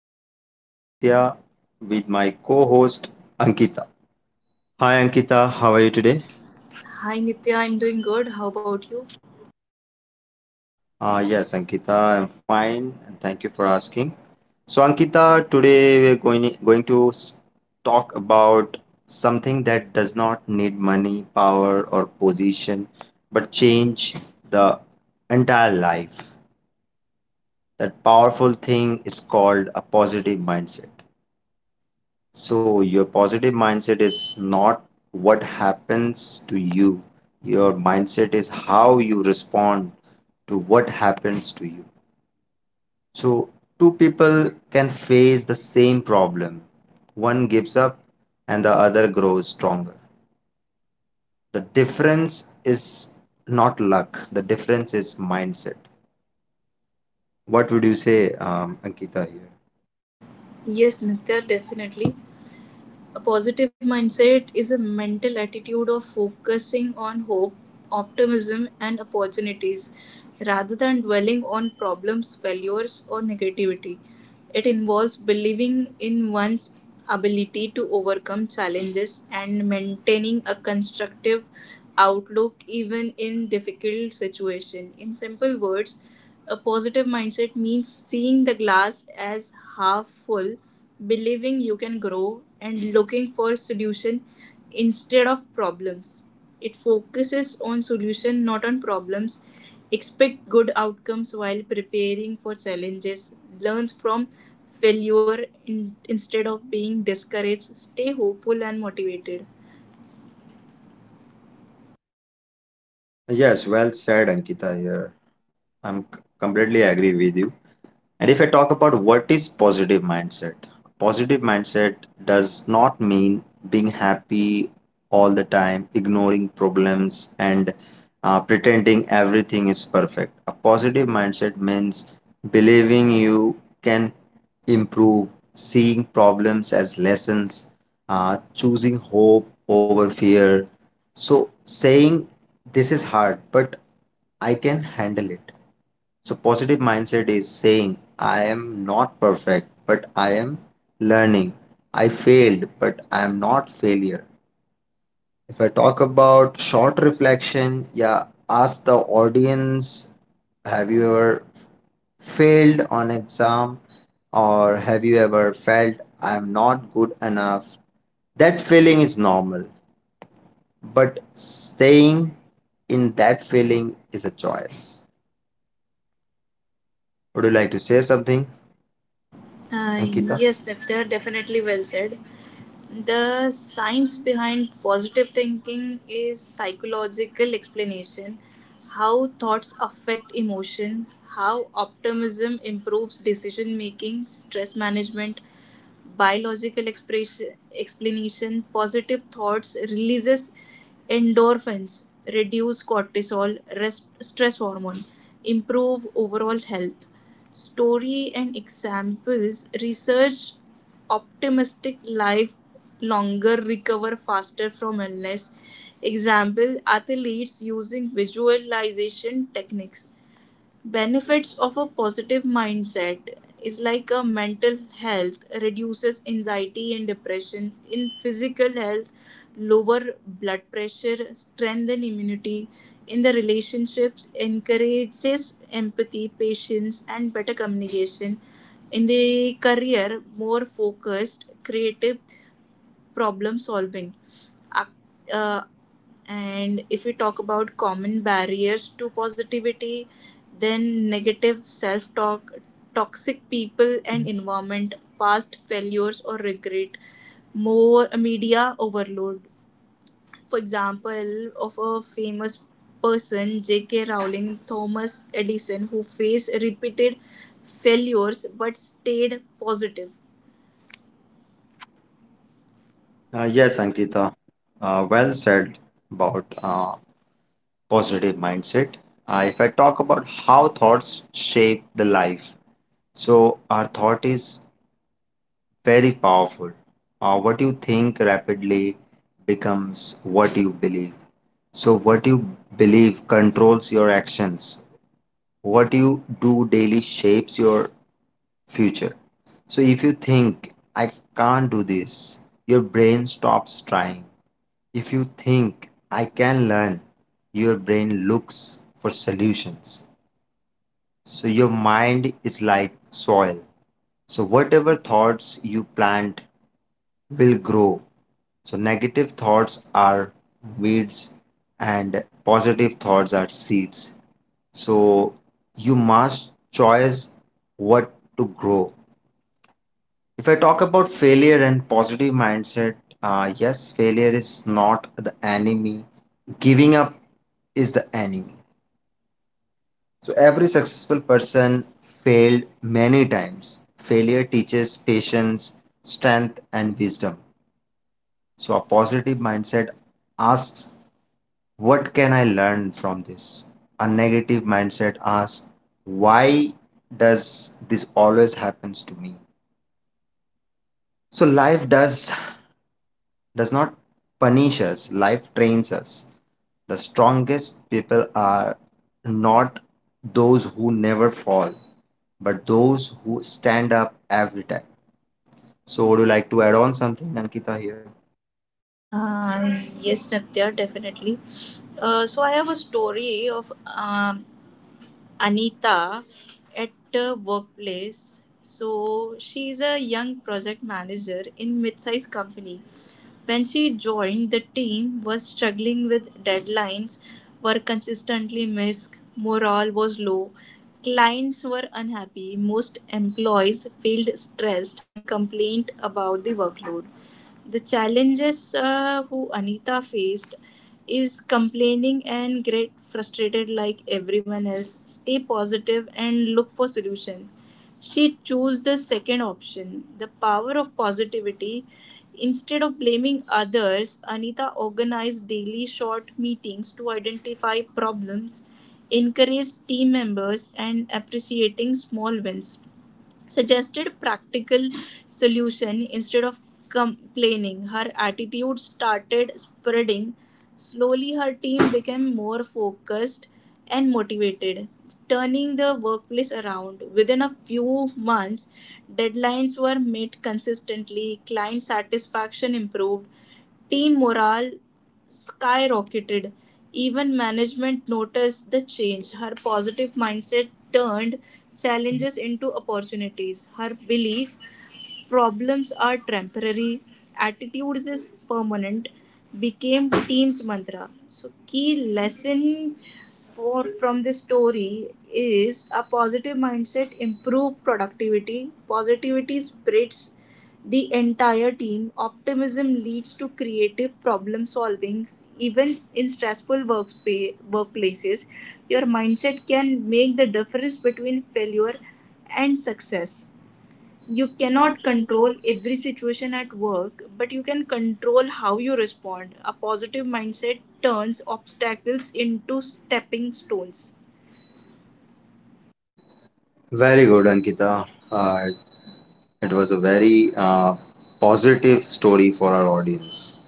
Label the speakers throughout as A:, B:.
A: I'm your host Nitya with my co-host Ankita. Hi Ankita, how are you today?
B: Hi Nitya, I'm doing good. How about you?
A: Ah yes, Ankita, I'm fine and thank you for asking. So Ankita, today we're talk about something that does not need money, power or position but change the entire life. That powerful thing is called a positive mindset. So, your positive mindset is not what happens to you, your mindset is how you respond to what happens to you. So, two people can face the same problem, one gives up and the other grows stronger. The difference is not luck, the difference is mindset. What would you say, Ankita, here?
B: Yes, Nitya, definitely. A positive mindset is a mental attitude of focusing on hope, optimism, and opportunities rather than dwelling on problems, failures, or negativity. It involves believing in one's ability to overcome challenges and maintaining a constructive outlook even in difficult situations. In simple words, a positive mindset means seeing the glass as half full, believing you can grow, and looking for solution instead of problems. It focuses on solution, not on problems. Expect good outcomes while preparing for challenges. Learns from failure in, instead of being discouraged. Stay hopeful and motivated.
A: Yes, well said, Ankita, here. Completely agree with you. And if I talk about what is positive mindset does not mean being happy all the time, ignoring problems, and pretending everything is perfect. A positive mindset means believing you can improve, seeing problems as lessons, choosing hope over fear. So, saying this is hard, but I can handle it so, positive mindset is saying, I am not perfect, but I am learning. I failed, but I am not failure. If I talk about short reflection, yeah, ask the audience, have you ever failed on exam or have you ever felt I am not good enough? That feeling is normal, but staying in that feeling is a choice. Would you like to say something,
B: Uh,
A: Ankita?
B: yes, Nifter, definitely well said. The science behind positive thinking is psychological explanation, how thoughts affect emotion, how optimism improves decision making, stress management, biological expression, explanation positive thoughts releases endorphins reduce cortisol rest, stress hormone, improve overall health, story and examples research, optimistic life longer, recover faster from illness, example athletes using visualization techniques. Benefits of a positive mindset is like a mental health reduces anxiety and depression, in physical health lower blood pressure, strengthen immunity, in the relationships encourages empathy, patience and better communication, in the career more focused, creative problem solving. Ac- uh, and if we talk about common barriers to positivity, then negative self talk, toxic people and environment, past failures or regret, more media overload. For example, of a famous person, J.K. Rowling, Thomas Edison, who faced repeated failures but stayed positive.
A: Yes, Ankita, well said about positive mindset. If I talk about how thoughts shape the life, so our thought is very powerful. What you think rapidly becomes what you believe. So, what you believe controls your actions. What you do daily shapes your future. So, if you think, I can't do this, your brain stops trying. If you think I can learn, your brain looks for solutions. So your mind is like soil. So whatever thoughts you plant will grow. So negative thoughts are weeds and positive thoughts are seeds. So you must choose what to grow. If I talk about failure and positive mindset, yes, failure is not the enemy. Giving up is the enemy. So every successful person failed many times. Failure teaches patience, strength, and wisdom. So a positive mindset asks, what can I learn from this? A negative mindset asks, why does this always happens to me? So life does does not punish us, life trains us. The strongest people are not those who never fall, but those who stand up every time. So, would you like to add on something, Ankita, here?
B: Yes, Natya, definitely. So I have a story of Anita at the workplace. So she's a young project manager in mid-sized company. When she joined, the team was struggling with deadlines, were consistently missed, morale was low, clients were unhappy, most employees felt stressed and complained about the workload. The challenges who Anita faced is complaining and get frustrated like everyone else, stay positive and look for solution. She chose the second option, the power of positivity. Instead of blaming others, Anita organized daily short meetings to identify problems, encourage team members, and appreciating small wins, suggested practical solution instead of complaining. Her attitude started spreading slowly. Her team became more focused and motivated, turning the workplace around. Within a few months deadlines were met consistently, client satisfaction improved, team morale skyrocketed. Even management noticed the change. Her positive mindset turned challenges into opportunities. Her belief, problems are temporary, attitudes is permanent, became team's mantra. So key lesson for from this story is a positive mindset improve productivity. Positivity spreads the entire team. Optimism leads to creative problem solvings. Even in stressful work workplaces, your mindset can make the difference between failure and success. You cannot control every situation at work, but you can control how you respond. A positive mindset turns obstacles into stepping stones.
A: Very good, Ankita. It was a very positive story for our audience.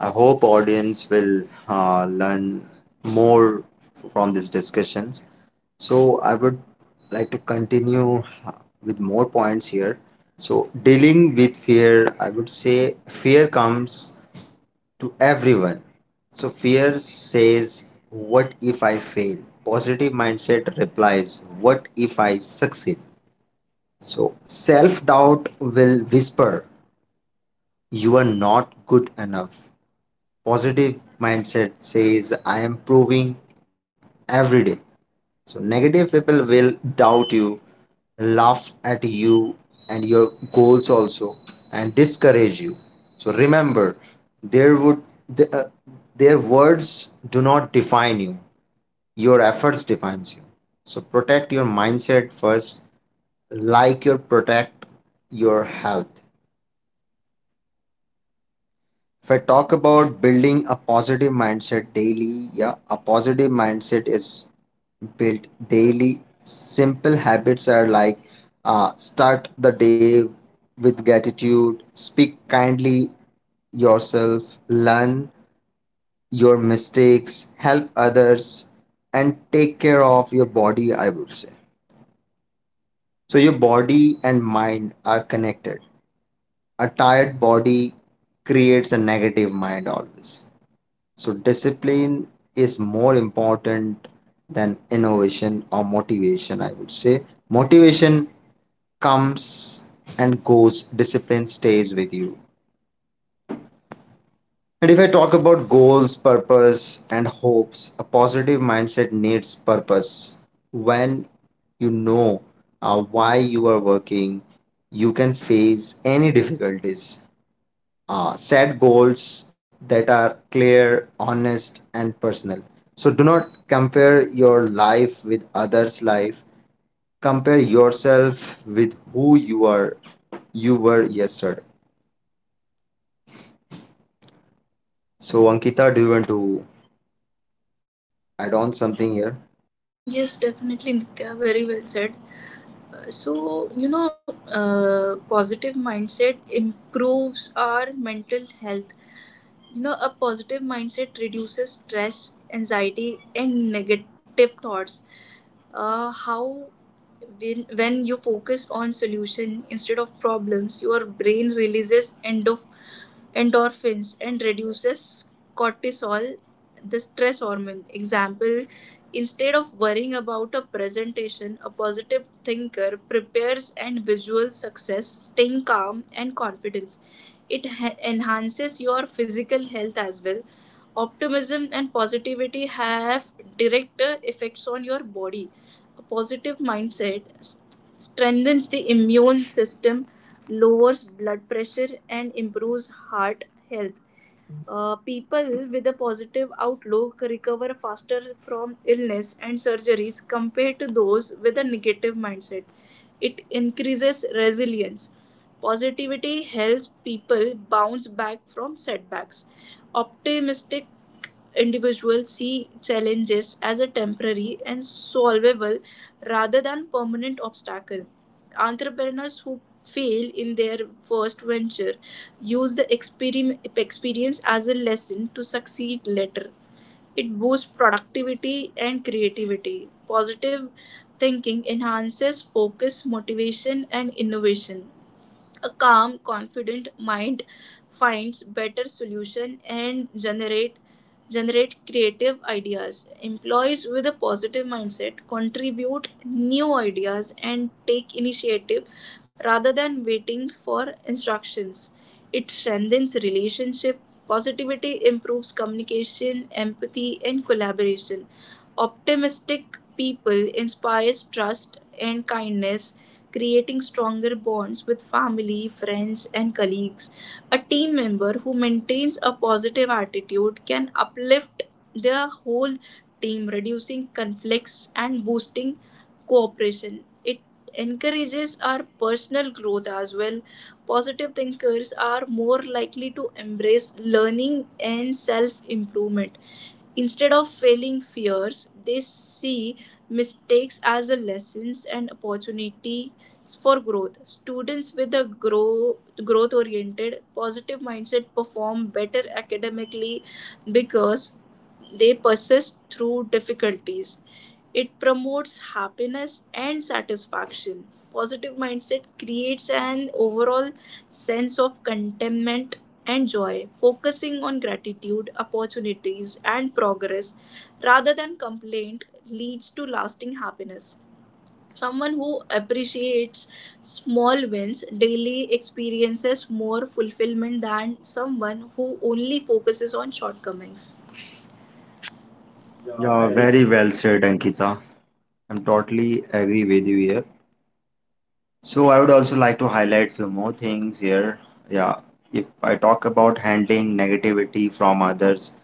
A: I hope audience will learn more from these discussions. So I would like to continue with more points here. So dealing with fear, I would say fear comes to everyone. So fear says, what if I fail? Positive mindset replies, what if I succeed? So self doubt will whisper, you are not good enough positive mindset says I am proving every day. So negative people will doubt you, laugh at you and your goals also and discourage you. So remember there would the, uh, their words do not define you. Your efforts defines you. So protect your mindset first like you protect your health. If I talk about building a positive mindset daily, yeah, a positive mindset is built daily. Simple habits are like start the day with gratitude, speak kindly yourself, learn your mistakes, help others, and take care of your body, I would say. So, your body and mind are connected. A tired body creates a negative mind always. So, discipline is more important than innovation or motivation, I would say. Motivation comes and goes, discipline stays with you. And if I talk about goals, purpose, and hopes, a positive mindset needs purpose. When you know why you are working, you can face any difficulties. Set goals that are clear, honest, and personal. So do not compare your life with others' life. Compare yourself with who you are you were yesterday. So Ankita, do you want to add on something here?
B: Yes, definitely, Nitya. Very well said. Positive mindset improves our mental health. A positive mindset reduces stress, anxiety and negative thoughts. How when you focus on solution instead of problems, your brain releases endorphins and reduces cortisol, the stress hormone. Example, instead of worrying about a presentation, a positive thinker prepares and visual success, staying calm and confidence. It enhances your physical health as well. Optimism and positivity have direct effects on your body. A positive mindset strengthens the immune system, lowers blood pressure, and improves heart health. People with a positive outlook recover faster from illness and surgeries compared to those with a negative mindset. It increases resilience. Positivity helps people bounce back from setbacks. Optimistic individuals see challenges as a temporary and solvable rather than permanent obstacle. Entrepreneurs who fail in their first venture use the experience as a lesson to succeed later. It boosts productivity and creativity. Positive thinking enhances focus, motivation, and innovation. A calm, confident mind finds better solution and generate creative ideas. Employees with a positive mindset contribute new ideas and take initiative rather than waiting for instructions. It strengthens relationship. Positivity improves communication, empathy, and collaboration. Optimistic people inspires trust and kindness, creating stronger bonds with family, friends, and colleagues. A team member who maintains a positive attitude can uplift their whole team, reducing conflicts and boosting cooperation. It encourages our personal growth as well. Positive thinkers are more likely to embrace learning and self improvement. Instead of feeling fears, they see mistakes as a lessons and opportunities for growth. Students with a growth oriented, positive mindset perform better academically because they persist through difficulties. It promotes happiness and satisfaction. Positive mindset creates an overall sense of contentment and joy. Focusing on gratitude, opportunities, and progress rather than complaint leads to lasting happiness. Someone who appreciates small wins daily experiences more fulfillment than someone who only focuses on shortcomings. Yeah,
A: Yeah,
B: very.
A: very well said, Ankita. I'm totally agree with you here. So I would also like to highlight few more things here. Yeah, if I talk about handling negativity from others,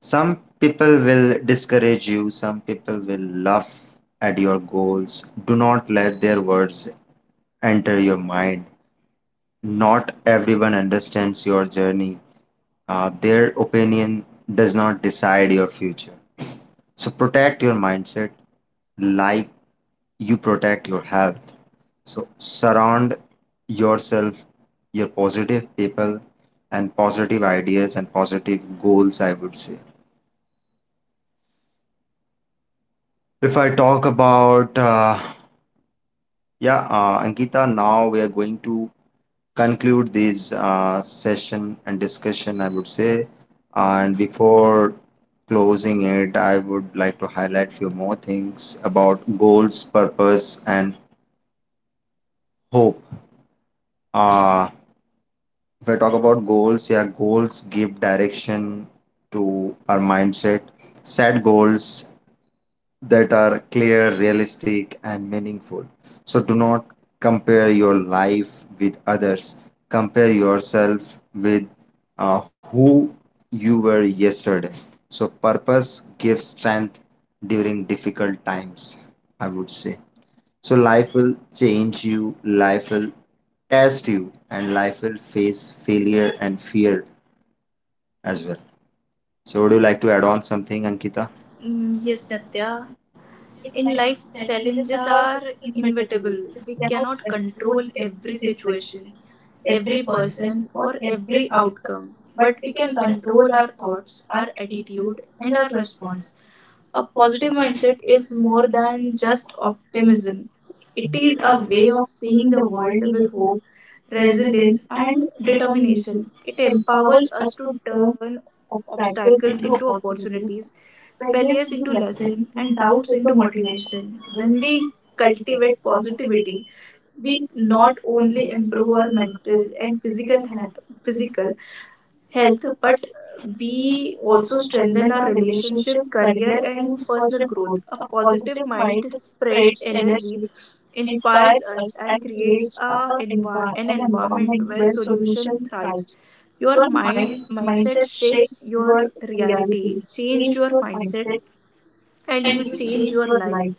A: some people will discourage you, some people will laugh at your goals. Do not let their words enter your mind. Not everyone understands your journey. Their opinion does not decide your future. So protect your mindset like you protect your health. So surround yourself, your positive people, and positive ideas and positive goals, I would say. If I talk about, yeah, Ankita, now we are going to conclude this session and discussion, I would say. And before closing it, I would like to highlight few more things about goals, purpose, and hope. Uh, if I talk about goals, yeah, goals give direction to our mindset. Set goals that are clear, realistic, and meaningful. So do not compare your life with others. Compare yourself with who you were yesterday. So purpose gives strength during difficult times, I would say. So life will change you, life will test you, and life will face failure and fear as well. So would you like to add on something, Ankita?
B: Mm, yes, Natya. In life, challenges are inevitable. We cannot control every situation, every person, or every outcome. But we can control our thoughts, our attitude, and our response. A positive mindset is more than just optimism, it is a way of seeing the world with hope, resilience, and determination. It empowers us to turn obstacles into opportunities, failures into lesson, and doubts into motivation. When we cultivate positivity, we not only improve our mental and physical health, but we also strengthen our relationship, career, and personal growth. A positive mind spreads energy, inspires us, and creates an environment where solution thrives. Your mindset shapes your reality. Change your mindset, and you change your life.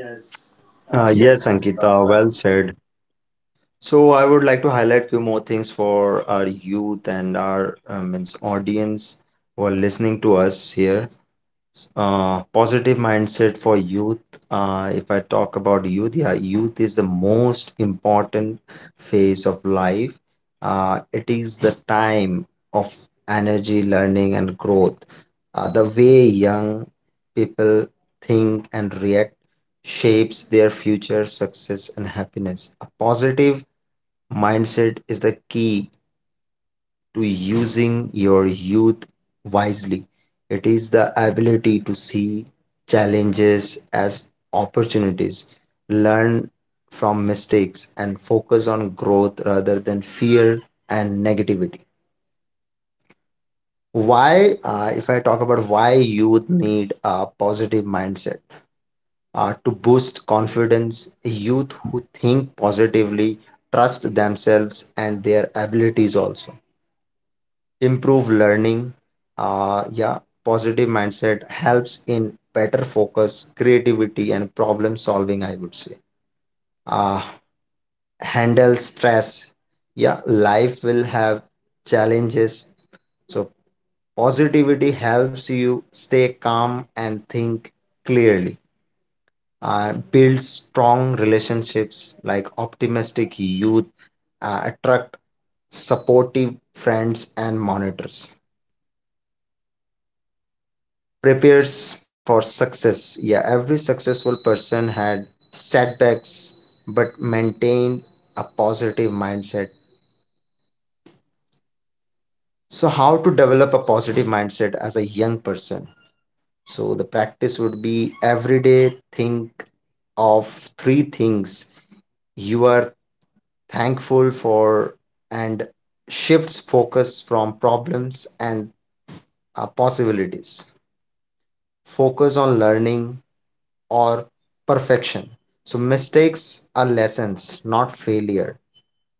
B: Yes, uh,
A: Yes,
B: yes,
A: Ankita,
B: Ankita.
A: well
B: Well
A: said. So I would like to highlight few more things for our youth and our means audience who are listening to us here. Positive mindset for youth. If I talk about youth, yeah, youth is the most important phase of life. It is the time of energy, learning, and growth. The way young people think and react shapes their future success and happiness. A positive mindset is the key to using your youth wisely. It is the ability to see challenges as opportunities, learn from mistakes, and focus on growth rather than fear and negativity. Why, if I talk about why youth need a positive mindset to boost confidence, youth who think positively trust themselves and their abilities also improve learning, yeah, positive mindset helps in better focus, creativity and problem solving, I would say. uh, Handle stress, yeah, life will have challenges, so positivity helps you stay calm and think clearly. Uh, build strong relationships like optimistic youth attract supportive friends and monitors prepares for success. Yeah, every successful person had setbacks but maintained a positive mindset. So, how to develop a positive mindset as a young person? So, the practice would be every day think of three things you are thankful for and shifts focus from problems and possibilities. Focus on learning, or perfection. So mistakes are lessons, not failure.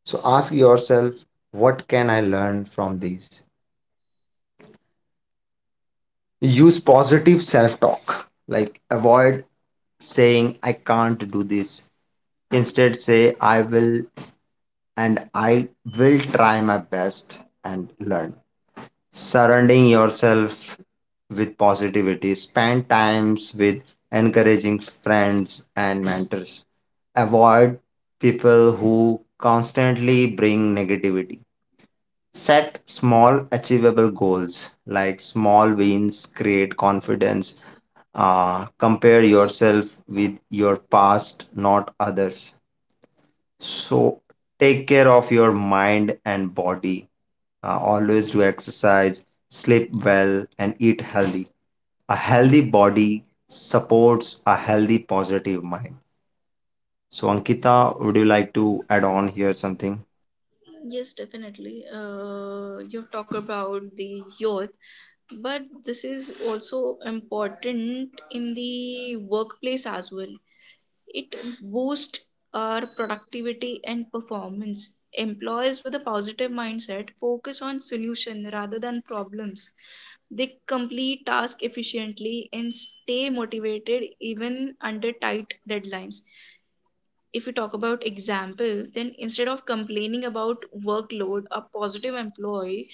A: So ask yourself, what can I learn from these? Use positive self talk, like avoid saying, I can't do this. Instead, say, I will and I will try my best and learn. Surrounding yourself with positivity, spend times with encouraging friends and mentors, avoid people who constantly bring negativity, set small achievable goals like small wins create confidence. Uh, compare yourself with your past not others, so take care of your mind and body. Always do exercise, sleep well, and eat healthy. A healthy body supports a healthy, positive mind. So, Ankita, would you like to add on here something?
C: Yes, definitely. You've talked about the youth, but this is also important in the workplace as well. It boosts our productivity and performance. Employees with a positive mindset focus on solution rather than problems. They complete tasks efficiently and stay motivated even under tight deadlines. If we talk about examples, then instead of complaining about workload, a positive employee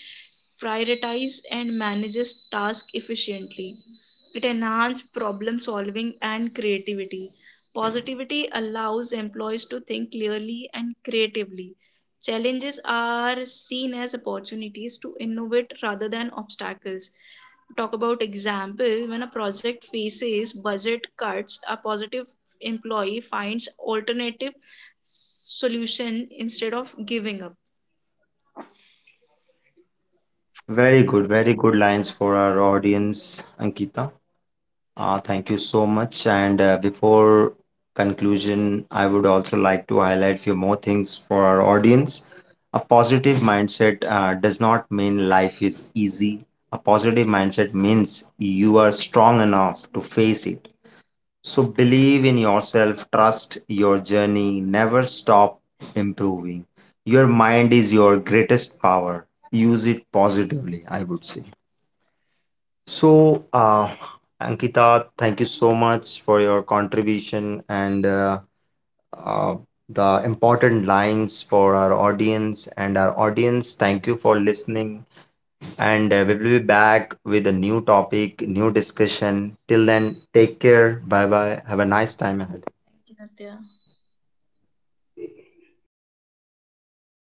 C: prioritizes and manages tasks efficiently. It enhances problem solving and creativity. Positivity allows employees to think clearly and creatively. Challenges are seen as opportunities to innovate rather than obstacles. Talk about example, when a project faces budget cuts, a positive employee finds alternative solution instead of giving up.
A: Very good, very good lines for our audience, Ankita. Thank you so much. And before conclusion, I would also like to highlight few more things for our audience. A positive mindset does not mean life is easy. A positive mindset means you are strong enough to face it. So believe in yourself, trust your journey, never stop improving. Your mind is your greatest power. Use it positively, I would say. So, Ankita, thank you so much for your contribution and uh, the important lines for our audience and our audience. Thank you for listening, and we will be back with a new topic, new discussion. Till then, take care. Bye bye. Have a nice time ahead.
C: Okay,